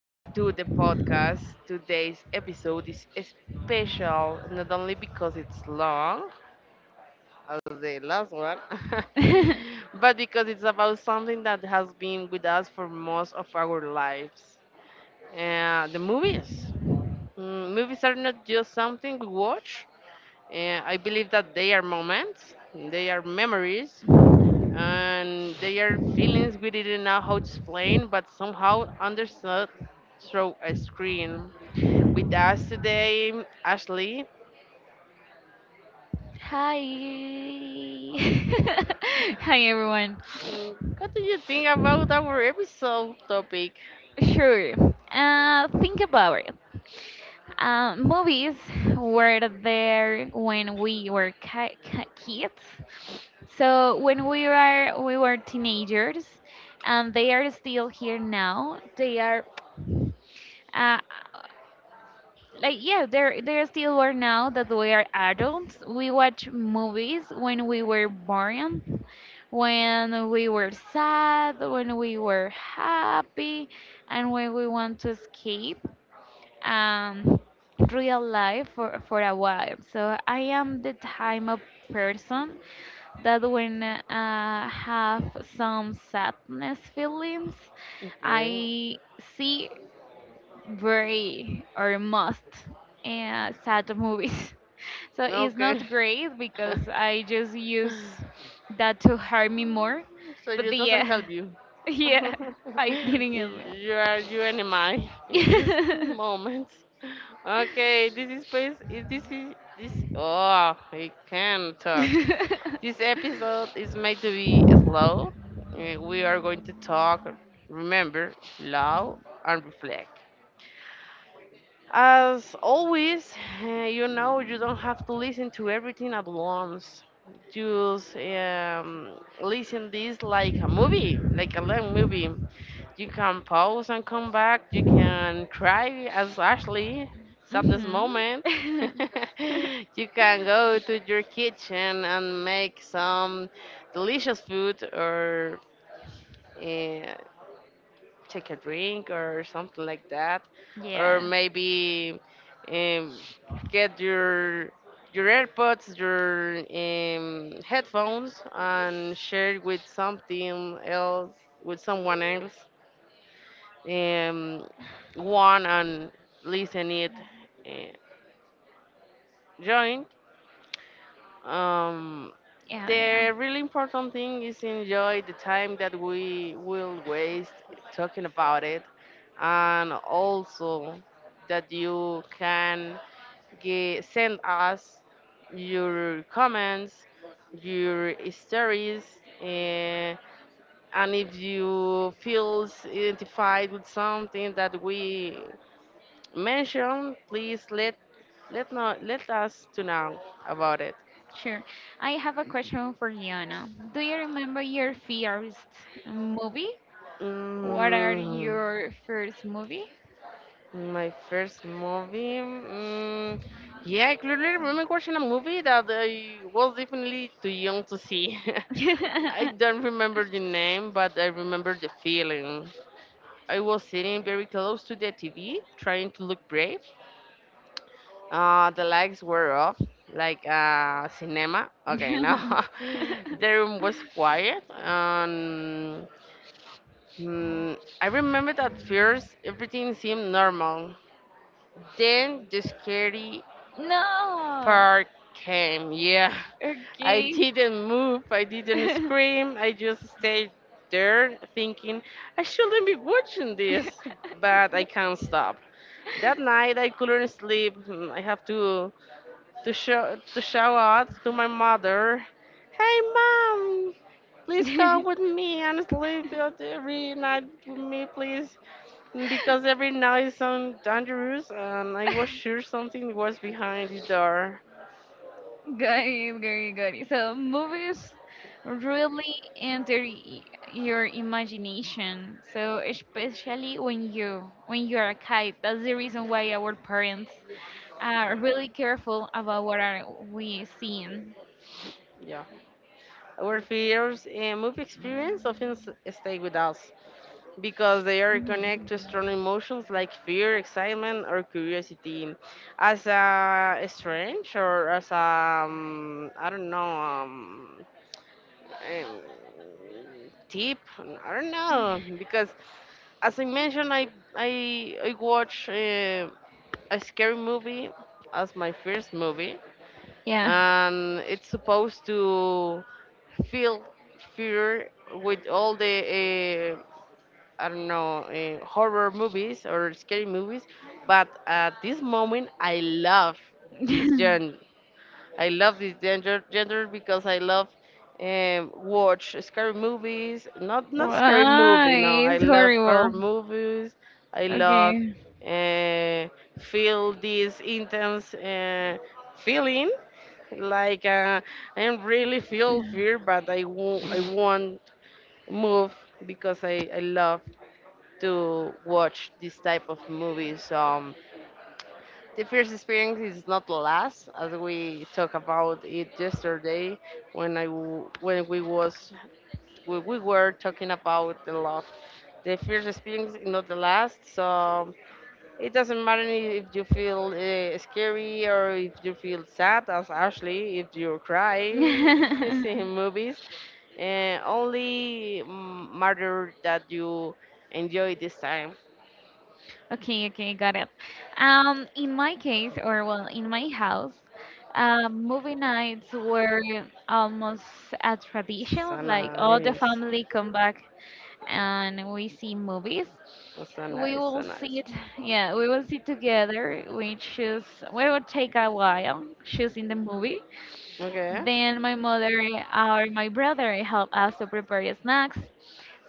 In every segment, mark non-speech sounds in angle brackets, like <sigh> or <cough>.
to the podcast. Today's episode is special not only because it's long, as the last one, <laughs> but because it's about something that has been with us for most of our lives the movies. Movies are not just something we watch. I believe that they are moments, they are memories, and they are feelings we didn't know how to explain, but somehow understood through a screen. With us today, Ashley. Hi. <laughs> Hi everyone. What do you think about our episode topic? Sure. Think about it. Movies were there when we were kids. So when we were teenagers, and they are still here now. They are uh, like, yeah, there still were now that we are adults. We watch movies when we were born, when we were sad, when we were happy, and when we want to escape um real life for a while. So I am the type of person that when have some sadness feelings, Okay, I see very or must sad movies. <laughs> So it's okay. not great, <laughs> because I just use that to hurt me more. So But it yeah, doesn't help you. <laughs> yeah, <laughs> I didn't help You are you and I in this it. moment. Okay, this is space. Is this is this? Oh, I can talk. This <laughs> episode is made to be slow. We are going to talk, remember, love, and reflect. As always, you know, you don't have to listen to everything at once. Just listen this like a movie, like a long movie. You can pause and come back. You can cry as Ashley, sadness Mhm. moment. <laughs> <laughs> You can go to your kitchen and make some delicious food or uh, take a drink or something like that. Or Yeah, maybe um, get your AirPods, your headphones, and share with something else, with someone else um, one and listen it uh, joint. Um, yeah, yeah. the really important thing is enjoy the time that we will waste talking about it, and also that you can send us your comments, your stories. Uh, and if you feel identified with something that we mention, please let us to know about it. Sure. I have a question for Yana. Do you remember your first movie? What are Mm, your first movie? my first movie. Yeah, I clearly remember watching a movie that I was definitely too young to see. <laughs> I <laughs> don't remember the name, but I remember the feeling. I was sitting very close to the TV, trying to look brave. The lights were off, like cinema. Okay, no. <laughs> <laughs> The room was quiet. I remember that first everything seemed normal. Then the scary No. part came. Yeah. <laughs> I Okay. didn't move, I <laughs> didn't Got scream, I just stayed there thinking, I shouldn't be watching this, but I can't stop. That night I couldn't sleep. I have to show out to my mother. Hey mom, please come with me and sleep out every night with me, please, because every night is so dangerous, and I was sure something was behind the door. it, got it, got it. So movies really enter your imagination. So especially when you are a kid, that's the reason why our parents are really careful about what are we seeing. Yeah. Our fears and movie experience often stay with us because they are Mhm. connected to strong emotions like fear, excitement, or curiosity. As a strange or as a, I don't know, um, tip I don't know because as I mentioned, I watch a scary movie as my first movie Yeah. and it's supposed to feel fear with all the I don't know horror movies or scary movies but at this moment I love this genre. <laughs> I love this gender because I love watch scary movies. Not scary Why? movie. No, I It's love horror horrible. movies. I love Okay. uh, feel this intense feeling. Like I am really feel fear, but I won't move because I love to watch this type of movies. The first experience is not the last, as we talked about it yesterday when I w- when we was when we were talking about the love. The first experience is not the last, so it doesn't matter if you feel scary or if you feel sad, as Ashley, if you cry <laughs> seeing <laughs> movies. Only matter that you enjoy this time. Okay, okay, got it. In my case, or well, in my house, movie nights were almost a tradition. So Like, all the nice, family come back and we see movies. so We nice, so will nice. see it, yeah, we will see together. We choose, we will take a while choosing the movie. Okay. Then my mother or my brother help us to prepare snacks.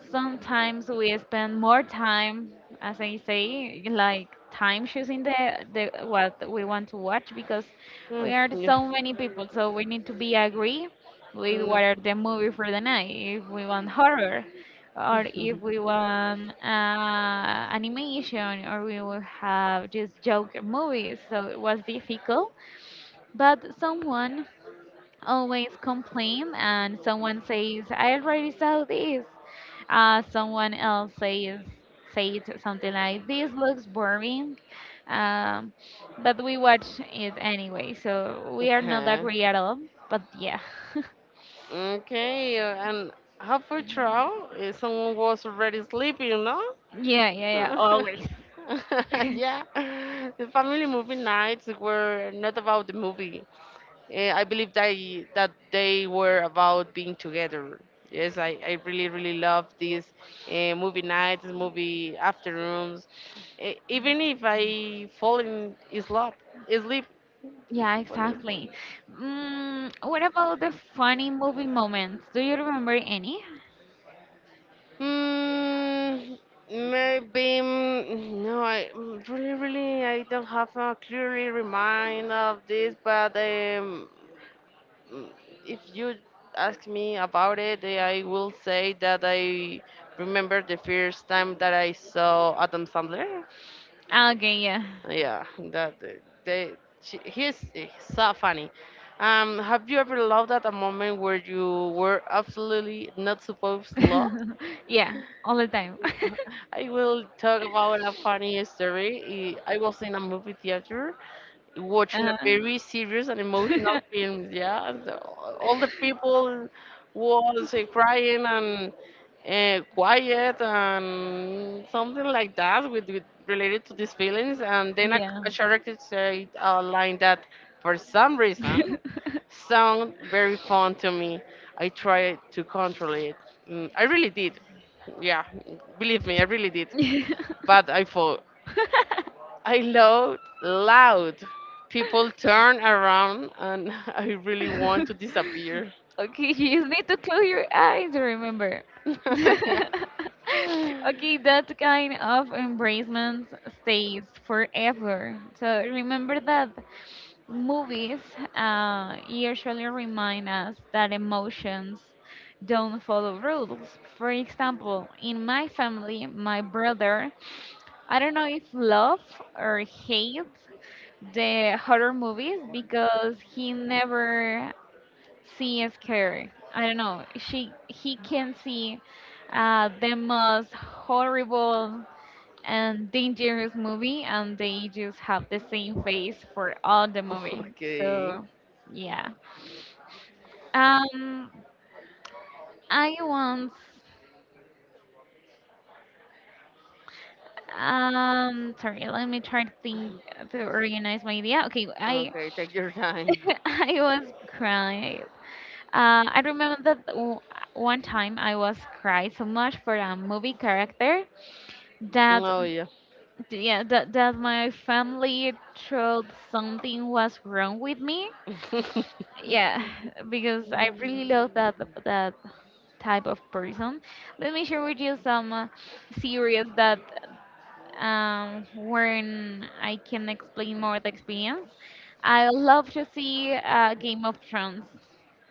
Sometimes we spend more time, as I say, like time choosing the what we want to watch, because we are Yeah. so many people, so we need to be agree with Mm. what are the movie for the night. If we want horror, or if <laughs> we want animation, or we will have just joke movies. So it was difficult, but someone always complain and someone says, I already saw this. Someone else says something like, this looks boring. um, but we watch it anyway, so we are not Okay. agree at all, but yeah. <laughs> Okay. And half a trial, someone was already sleeping, no? <laughs> Yeah, yeah, yeah, <laughs> always. <laughs> Yeah. The family movie nights were not about the movie. I believe that that they were about being together. Yes, I really really love these movie nights, movie afternoons. Eh, even if I fall in sleep, sleep. If Yeah, I fall in sleep. exactly. What about the funny movie moments? Do you remember any? Hmm, maybe no. I really really I don't have a clearly remind of this, but Mm, if you ask me about it, I will say that I remember the first time that I saw Adam Sandler. Okay, yeah. Yeah, that he's so funny. Have you ever loved at a moment where you were absolutely not supposed to love? <laughs> Yeah, all the time. <laughs> <laughs> I will talk about a funny story. I was in a movie theater watching a Uh-huh. very serious and emotional <laughs> film. Yeah. And all the people was crying and quiet and something like that with related to these feelings. And then Yeah. a character said a line that, for some reason, <laughs> sound very fun to me. I tried to control it. I really did. Yeah, believe me, I really did. Yeah. <laughs> But I fall. I loud, loud. People turn around and <laughs> I really want to disappear. Okay, you just need to close your eyes, remember. <laughs> Yeah. <laughs> Okay, that kind of embracement stays forever. So remember that movies usually remind us that emotions don't follow rules. For example, in my family, my brother, I don't know if love or hate the horror movies, because he never sees scary. I don't know. She he can see the most horrible and dangerous movie, and they just have the same face for all the movie. Okay. So yeah. Um, I once, sorry, let me try to think, to organize my idea. Okay, I Okay, take your time. <laughs> I was crying. I remember that one time I was crying so much for a movie character that, Oh yeah. yeah, that my family thought something was wrong with me. <laughs> Yeah, <laughs> because I really love that type of person. Let me share with you some series that, when I can explain more the experience. I love to see Game of Thrones.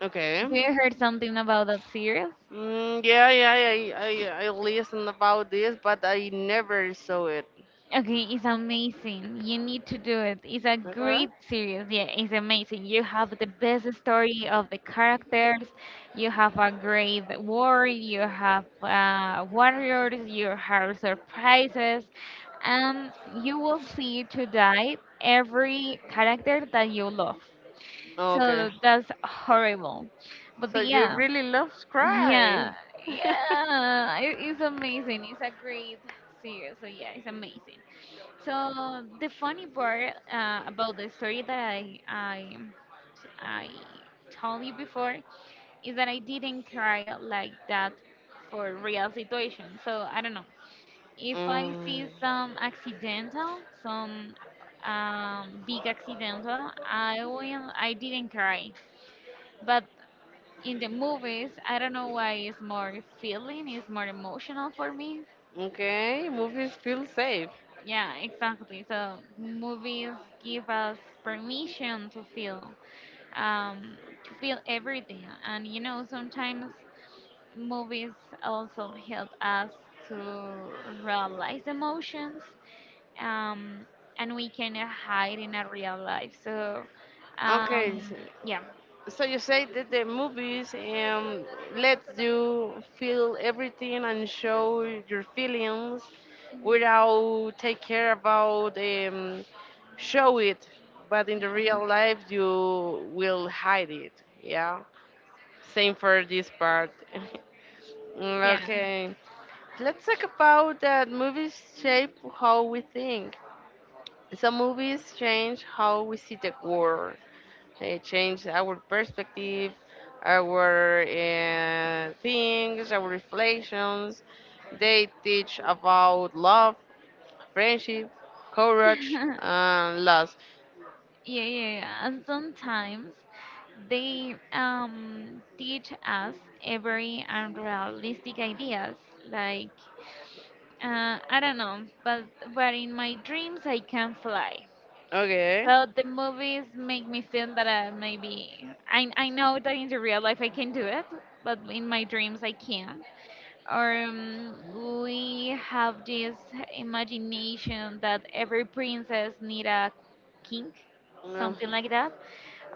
Okay. Do you heard something about that series? Yeah. I listened about this, but I never saw it. Okay, it's amazing. You need to do it. It's a Okay. great series. Yeah, it's amazing. You have the best story of the characters. You have a great war. You have warriors. You have surprises. You will see to die every character that you love. Okay. So that's horrible. But So you yeah. really love Yeah, Cry. <laughs> yeah, it is amazing. It's a great series, so yeah, it's amazing. So the funny part, about the story that I told you before, is that I didn't cry like that for real situation. So I don't know, if I see mm, some accidental, some big accidental, I didn't cry, but in the movies, I don't know why, it's more feeling, it's more emotional for me. okay. Movies feel safe. Yeah, exactly. So movies give us permission um, to feel everything, and sometimes movies also help us to realize emotions, um, and we can hide in a real life. So, Okay. Um, yeah, So you say that the movies lets you feel everything and show your feelings without take care about show it, but in the real life you will hide it. Yeah, same for this part. <laughs> yeah. Okay, let's talk about that movies shape how we think. Some movies change how we see the world. It changed our perspective, our things, our reflections. They teach about love, friendship, courage, <laughs> and loss. Yeah, yeah, yeah. And sometimes they teach us very unrealistic ideas. Like, I don't know, but in my dreams I can fly. Okay. So the movies make me feel that maybe I know that in the real life I can do it, but in my dreams I can't. Or we have this imagination that every princess need a king, something like that,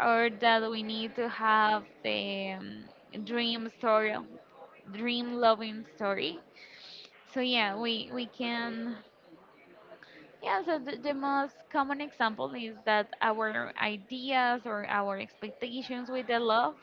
or that we need to have the, dream story, dream loving story. So yeah, we can, yeah. So the most common example is that our ideas or our expectations with the love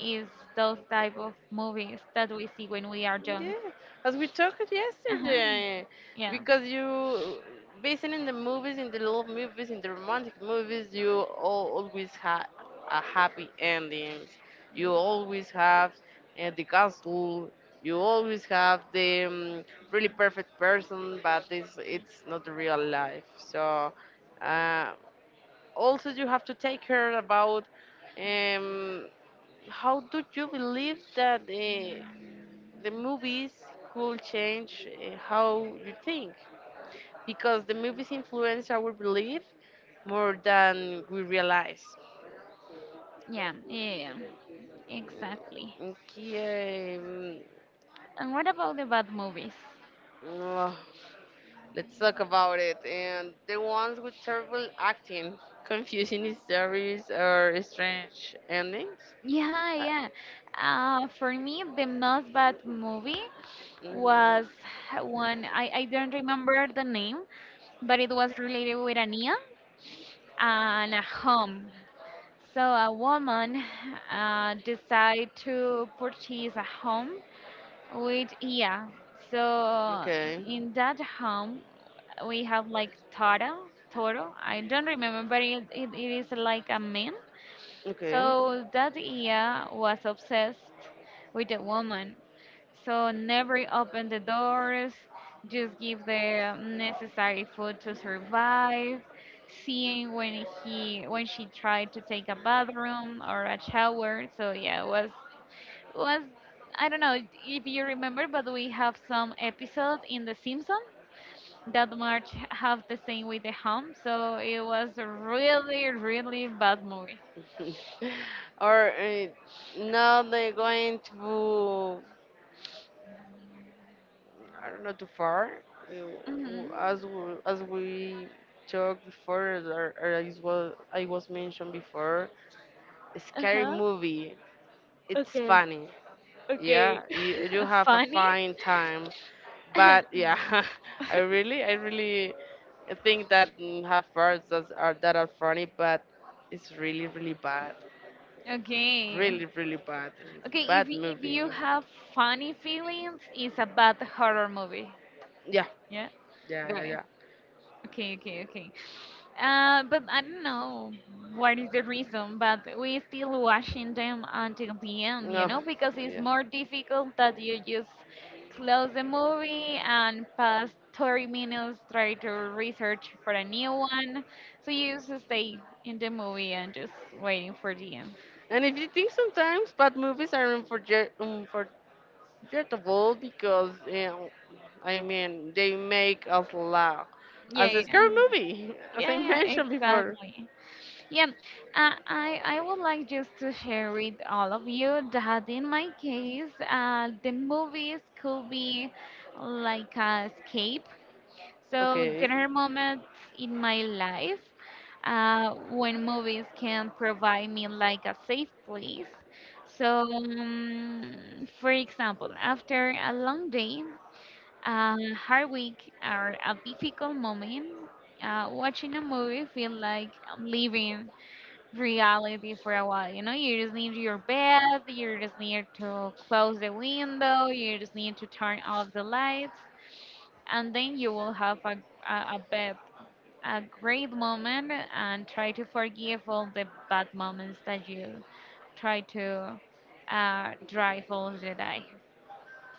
is those type of movies that we see when we are young. Yeah, as we talked Uh-huh. yesterday, Yeah, because you, based in the movies, in the love movies, in the romantic movies, you all, always have a happy endings. You always have the castle. You always have the really perfect person, but this it's not the real life. So uh, also you have to take care about um, how do you believe that? The movies could change how you think because the movies influence our belief more than we realize. yeah, yeah, exactly. Mm, Okay, um, And what about the bad movies? uh, let's talk about it. And the ones with terrible acting, confusing stories, or strange endings. Yeah, Uh, yeah. For me, the most bad movie mhm, was one. I don't remember the name, but it was related with an eel and a home. So a woman decided to purchase a home with eel. So Okay, in that home, we have like Toro, Toro. I don't remember, but it, it is like a man, okay. so that Ia was obsessed with the woman. So never open the doors, just give the necessary food to survive. Seeing when he when she tried to take a bathroom or a shower. So yeah, it was. I don't know if you remember, but we have some episodes in The Simpsons that March have the same with the home. So it was a really really bad movie. <laughs> Or now they're going to I don't know too far. uh, Mhm. As we talked before, or as was I was mentioned before, a scary Uh-huh. movie. It's Okay. funny, yeah. Okay. You <laughs> have a Funny? fine time, but <laughs> yeah, <laughs> I really think that have parts that are funny, but it's really really bad, Okay. really really bad. Okay, It's bad if movie. you have funny feelings, it's a bad horror movie. Yeah, Yeah? yeah, yeah, Got it. yeah. Okay, okay, okay. But I don't know what is the reason, but we still washing them until the end, No, because it's yeah. more difficult that you just close the movie and pass 30 minutes try to research for a new one. So you just stay in the movie and just waiting for the end. And if you think sometimes bad movies are comfortable because you know, I mean they make us laugh Yeah, as a yeah, scary movie, <laughs> as I yeah, yeah, mentioned before. exactly. Yeah, I would like just to share with all of you that in my case, the movies could be like a escape. So Okay. there are moments in my life, when movies can provide me like a safe place. So, for example, after a long day, a hard week, or a difficult moment, watching a movie feel like I'm leaving reality for a while. You know, you just need your bed, you just need to close the window, you just need to turn off the lights, and then you will have a, bed, a great moment, and try to forgive all the bad moments that you try to drive all the day.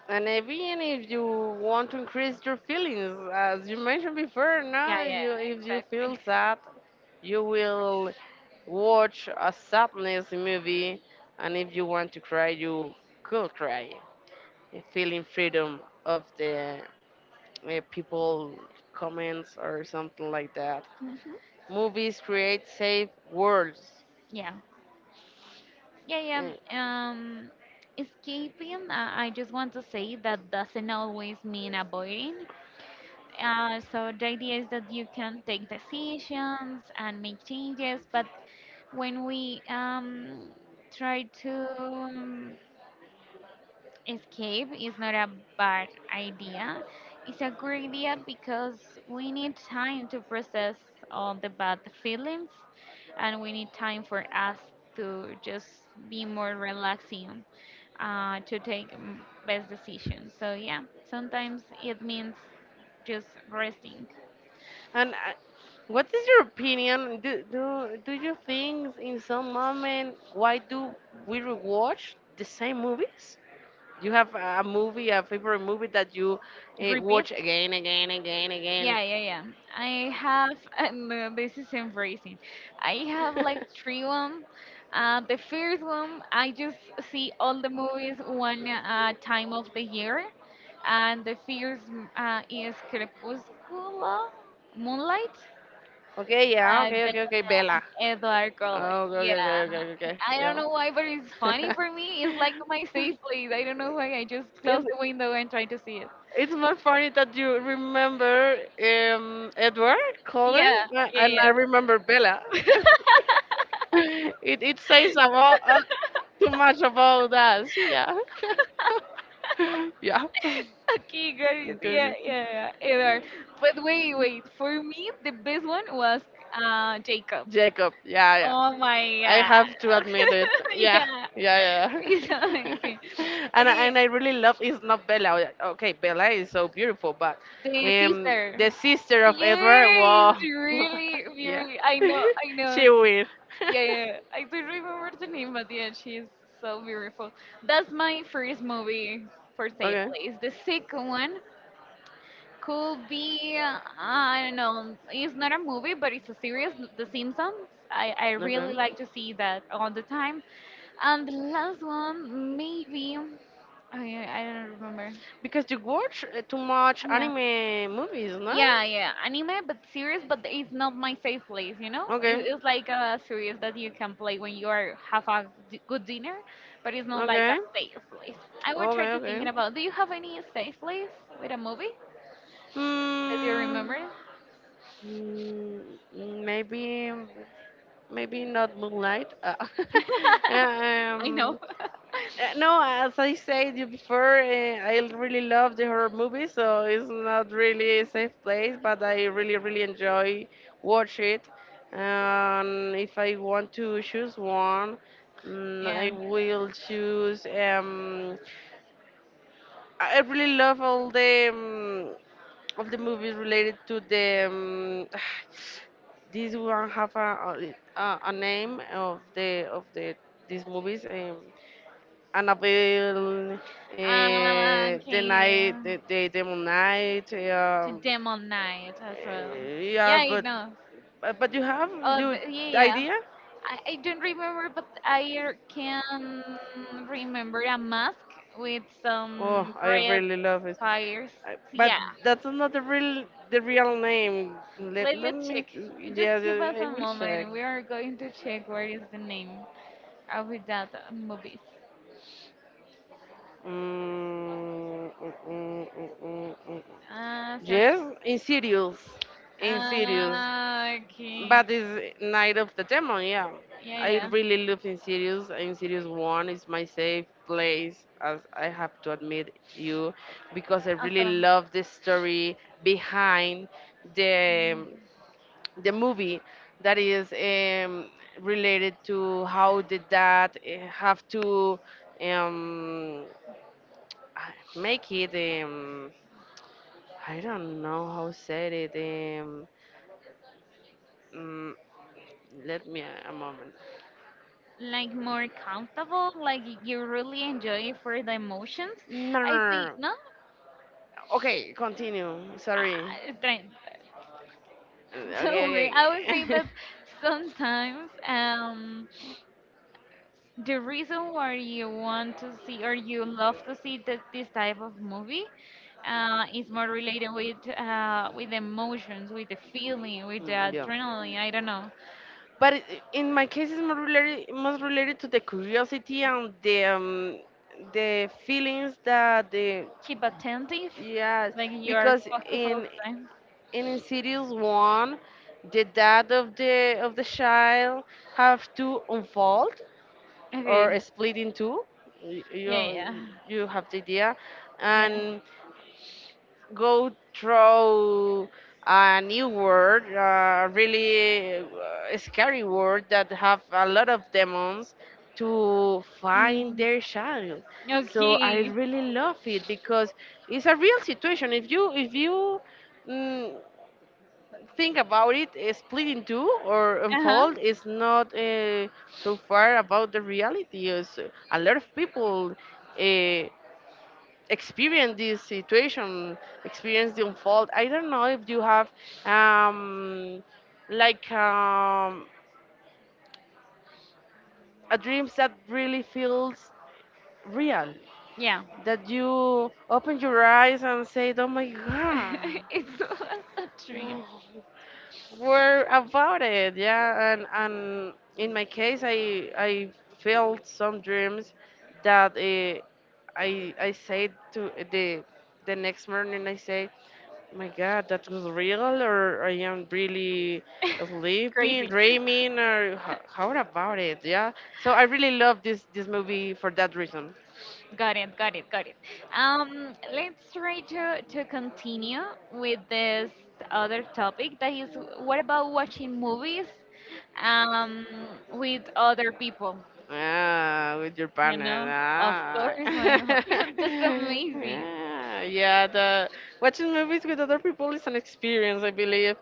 And even if you want to increase your feelings, as you mentioned before, Yeah, no, yeah, you if you exactly. feel sad, you will watch a sadness movie, and if you want to cry, you could cry, feeling freedom of the people comments or something like that. Mhm. Movies create safe worlds. Yeah, yeah, yeah. Eh, Escaping, I just want to say that doesn't always mean avoiding. So the idea is that you can take decisions and make changes, but when we try to escape, it's not a bad idea. It's a good idea, because we need time to process all the bad feelings, and we need time for us to just be more relaxing, to take best decisions. So yeah, sometimes it means just resting. And what is your opinion? Do you think in some moment why do we rewatch the same movies? You have a movie, a favorite movie that you Repeat? watch again, again, again, again. Yeah, yeah, yeah. I have, <laughs> and no, this is embracing. I have like <laughs> three. One, the first one, I just see all the movies one time of the year. And the first, is Crepúsculo, Moonlight, Okay, yeah, okay, the okay, okay, Bella. Edward Cullen. Oh, okay, Yeah. okay, okay, okay, okay, I don't yeah. know why, but it's funny for me. It's like my safe place. I don't know why. I just close <laughs> It's, the window and try to see it. It's more funny that you remember Edward Yeah, Cullen and yeah, I remember Bella. yeah. <laughs> It says about <laughs> too much about us. Yeah. <laughs> Yeah. Okay, Okay, guys. Yeah, okay. yeah, yeah. Edward. But wait, wait. For me, the best one was Jacob. Jacob. Yeah, yeah. Oh my I god. have <laughs> to admit it. Yeah, Yeah, yeah, yeah. it's amazing. <laughs> And Okay, and I really love. It's not Bella. Oh, yeah, okay, Bella is so beautiful, but the sister. the sister of Edward. Yes, Wow. <laughs> really, Yeah, really. I know, I <laughs> know. she will. Yeah, yeah, <laughs> yeah. I don't remember the name, but yeah, she's so beautiful. That's my first movie for Safe Okay, Place. The second one could be, I don't know, it's not a movie, but it's a series, The Simpsons. I really okay. like to see that all the time. And the last one, maybe, I don't remember. Because you watch too much Yeah. anime movies, no? Yeah, yeah, anime, but series, but it's not my safe place, you know? It, Okay, it's like a series that you can play when you are have a good dinner, but it's not like a okay, safe place. I would try okay, to thinking okay. about, do you have any safe place with a movie that you Hmm. remember? mm, Maybe. Maybe not Moonlight. <laughs> <laughs> I know. um, no, as I said you before, I really love the horror movies, so it's not really a safe place, but I really, really enjoy watch it. And if I want to choose one, Yeah. I will choose. I really love all the of the movies related to the. <sighs> This one have a a name of the these movies. Annabelle, the night, Can you the Demon Night. to Demon Knight as well? Yeah, Yeah, I but know. but you have Oh, the yeah, yeah. idea. I don't remember, but I can remember a mask with Oh, some I red really love it. fires. I, but Yeah, that's not the real the real name. Let, let me let check. me. Just Yeah, give us yeah, I a will check. moment. We are going to check where is the name of that movies. Mm, mm, mm, mm, mm, mm. Search. Yes, in serious, in serious. Okay. But it's Night of the Demon, yeah. Yeah, I yeah. really love Insidious. Insidious 1 is my safe place, as I have to admit you, because I really Awesome. love the story behind the the movie that is related to how did that have to um, I make it I don't know how said it mm, let me a moment. Like, more comfortable, like you really enjoy it for the emotions, No, no, I no, think. no. No, Okay, continue. Sorry. I don't. <laughs> Don't worry. Okay, I would think okay. <laughs> that sometimes, the reason why you want to see, or you love to see that this type of movie, is more related with, with emotions, with the feeling, with the Mm, yeah. adrenaline, I don't know. But it, in my case, it's more related, most related to the curiosity and the feelings that the Keep attentive, yes, like you are because focused all the time. in Insidious one, the dad of the child have to unfold Okay, or split in two. Yeah, yeah, You you have the idea, yeah. and go through a new word, a really scary word that have a lot of demons to find Mm. their child. So I Okay. really love it because it's a real situation. If you mm, think about it, split in two or Uh huh. unfold is not so far about the reality. Is a lot of people uh, experience this situation, experience the unfold. I don't know if you have um, like a dreams that really feels real, Yeah. that you open your eyes and say, "Oh my God." <laughs> It was a dream. were about it, yeah, and in my case I felt some dreams that I said to the next morning I say, my god that was real or I am really <laughs> sleeping Crazy. dreaming or how about it, yeah, so I really love this movie for that reason. <laughs> Got it. Got it. Got it. Let's try to continue with this other topic. That is, what about watching movies, um, with other people? Ah, with your You partner. know, of Ah. course, my heart. <laughs> That's <laughs> amazing. Yeah, yeah. The watching movies with other people is an experience, I believe.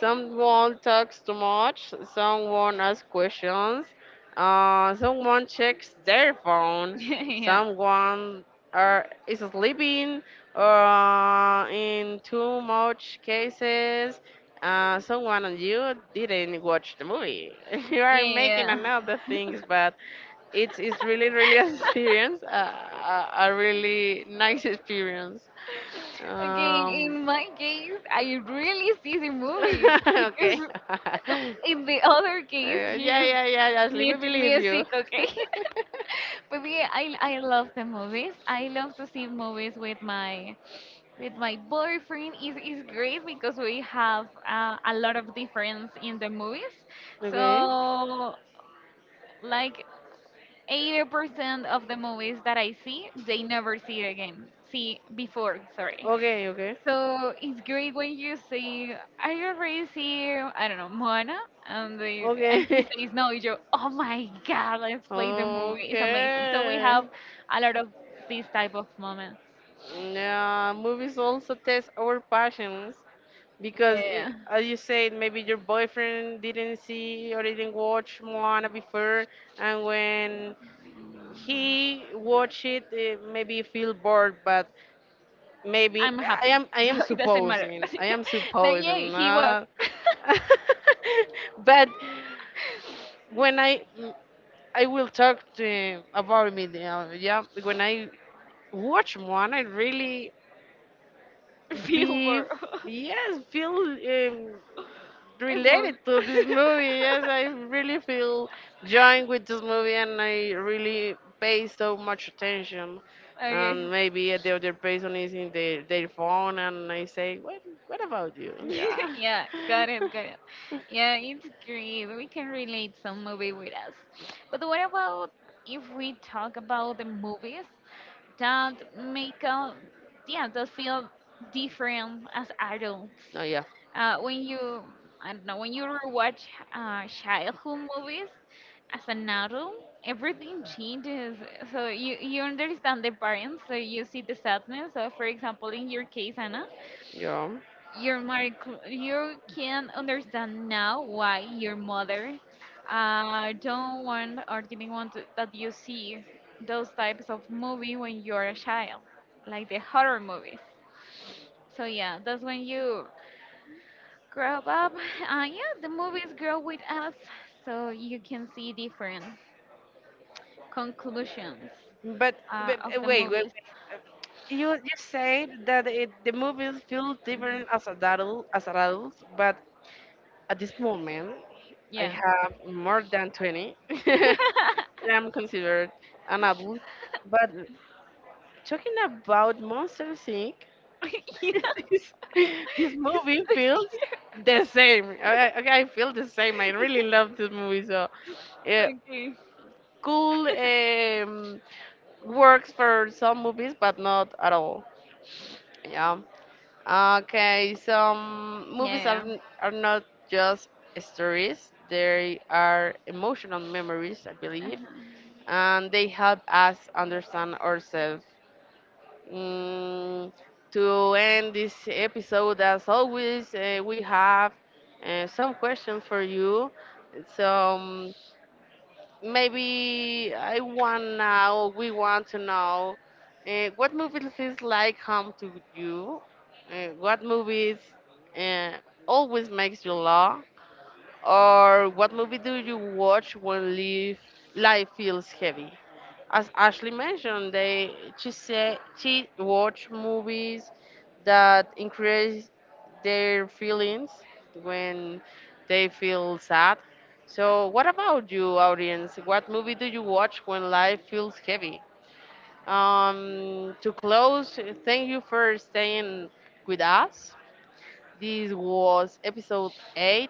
Someone talks too much. Someone asks questions. Someone checks their phone. <laughs> Yeah. Someone are is sleeping. In too much cases. Someone and you didn't watch the movie. <laughs> You Yeah, are making yeah. another things, but it's really really <laughs> an experience, <laughs> a really nice experience. Okay, Um, in my case, I really see the movie, <laughs> because okay. <laughs> in the other case, Yeah you just yeah yeah, Ashley, we need believe you. music, okay? <laughs> <laughs> But yeah, I love the movies. I love to see movies with my boyfriend. It's great, because we have a lot of difference in the movies. Okay So like 80% of the movies that I see, they never see it again. See before, sorry. okay okay So it's great when you say, "Are you already see, I don't know, Moana?" And they, and he okay. says, "No." You go, "Oh my God, let's play the <laughs> movie! It's amazing." So we have Okay. a lot of these type of moments. Yeah, movies also test our passions because, eh, Yeah, as you said, maybe your boyfriend didn't see or didn't watch Moana before, and when he watch it maybe feel bored but maybe I'm i happy, am <laughs> i so am it doesn't matter. supposing i am <laughs> Now, yeah, supposing he was not. <laughs> But <laughs> when I I will talk to about me, yeah, when I watch one I really be, Billboard. yes, feel It moved. related to <laughs> this movie. Yes, I really feel joined with this movie, and I really pay so much attention. <laughs> Okay. And maybe the other person is in their phone, and I say, "What? What about you?" <laughs> Yeah. Yeah, got it, got it. <laughs> Yeah, it's great. We can relate some movie with us. But what about if we talk about the movies that make us, yeah, that feel different as adults? Oh yeah, When you, I don't know, when you rewatch childhood movies as an adult, everything changes. So you understand the parents, so you see the sadness. So for example, in your case, Anna, yeah. your mother, you can understand now why your mother don't want or didn't want to, that you see those types of movie when you're a child, like the horror movies. So yeah, that's when you grow up. Yeah, the movies grow with us, so you can see different conclusions But, but of the wait, wait, wait. movies. uh, You you said that it, the movies feel different as adults, but at this moment, I Yeah. have more than 20. <laughs> <laughs> Yeah. That I'm considered an adult. But talking about Monsters Inc., <laughs> <laughs> It's this, this movie so scary. feels the same. I okay, I feel the same. I really love this movie. So, yeah, Okay. cool works for some movies, but not at all. Yeah. Okay, some Yeah, movies are, yeah. Are not just stories, they are emotional memories, I believe, Uh-huh. and they help us understand ourselves. Mm, to end this episode, as always, we have some questions for you. So maybe I want now, we want to know what movie feels like home to you? What movies uh, always makes you laugh? Or what movie do you watch when life feels heavy? As Ashley mentioned, they she said she watched movies that increase their feelings when they feel sad. So, what about you, audience? What movie do you watch when life feels heavy? To close, thank you for staying with us. This was episode 8.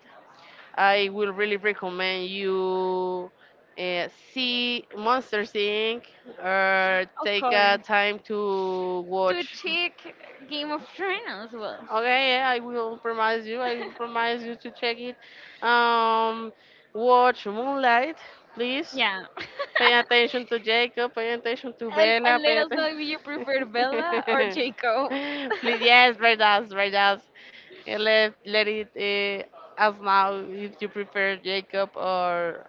I will really recommend you uh, see Monsters Inc. or Of take course. a time to To watch. check Game of Thrones as well. Okay, yeah, I will promise you. I will <laughs> promise you to check it. Um, Watch Moonlight, please. Yeah. <laughs> Pay attention to Jacob. Pay attention to and, Bella. and let Pay us know if you prefer Bella or attention. Jacob. <laughs> <laughs> Please, yes, Verdas, Verdas. Let let it us now if you prefer Jacob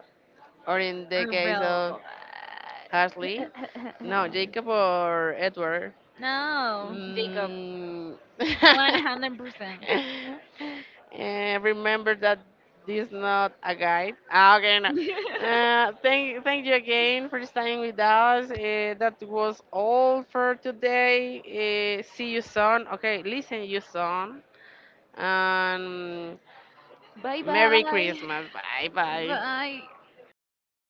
or in the Or case Bella. of Ashley, no, Jacob <laughs> or Edward. No, Jacob. Mm. <laughs> 100%. <laughs> Eh, remember that this not a guide. Ah, okay, no. Thank you again for staying with us. Eh, that was all for today. Eh, see you soon. Okay, listen you soon. And Bye Merry bye. Christmas. Bye bye. Bye.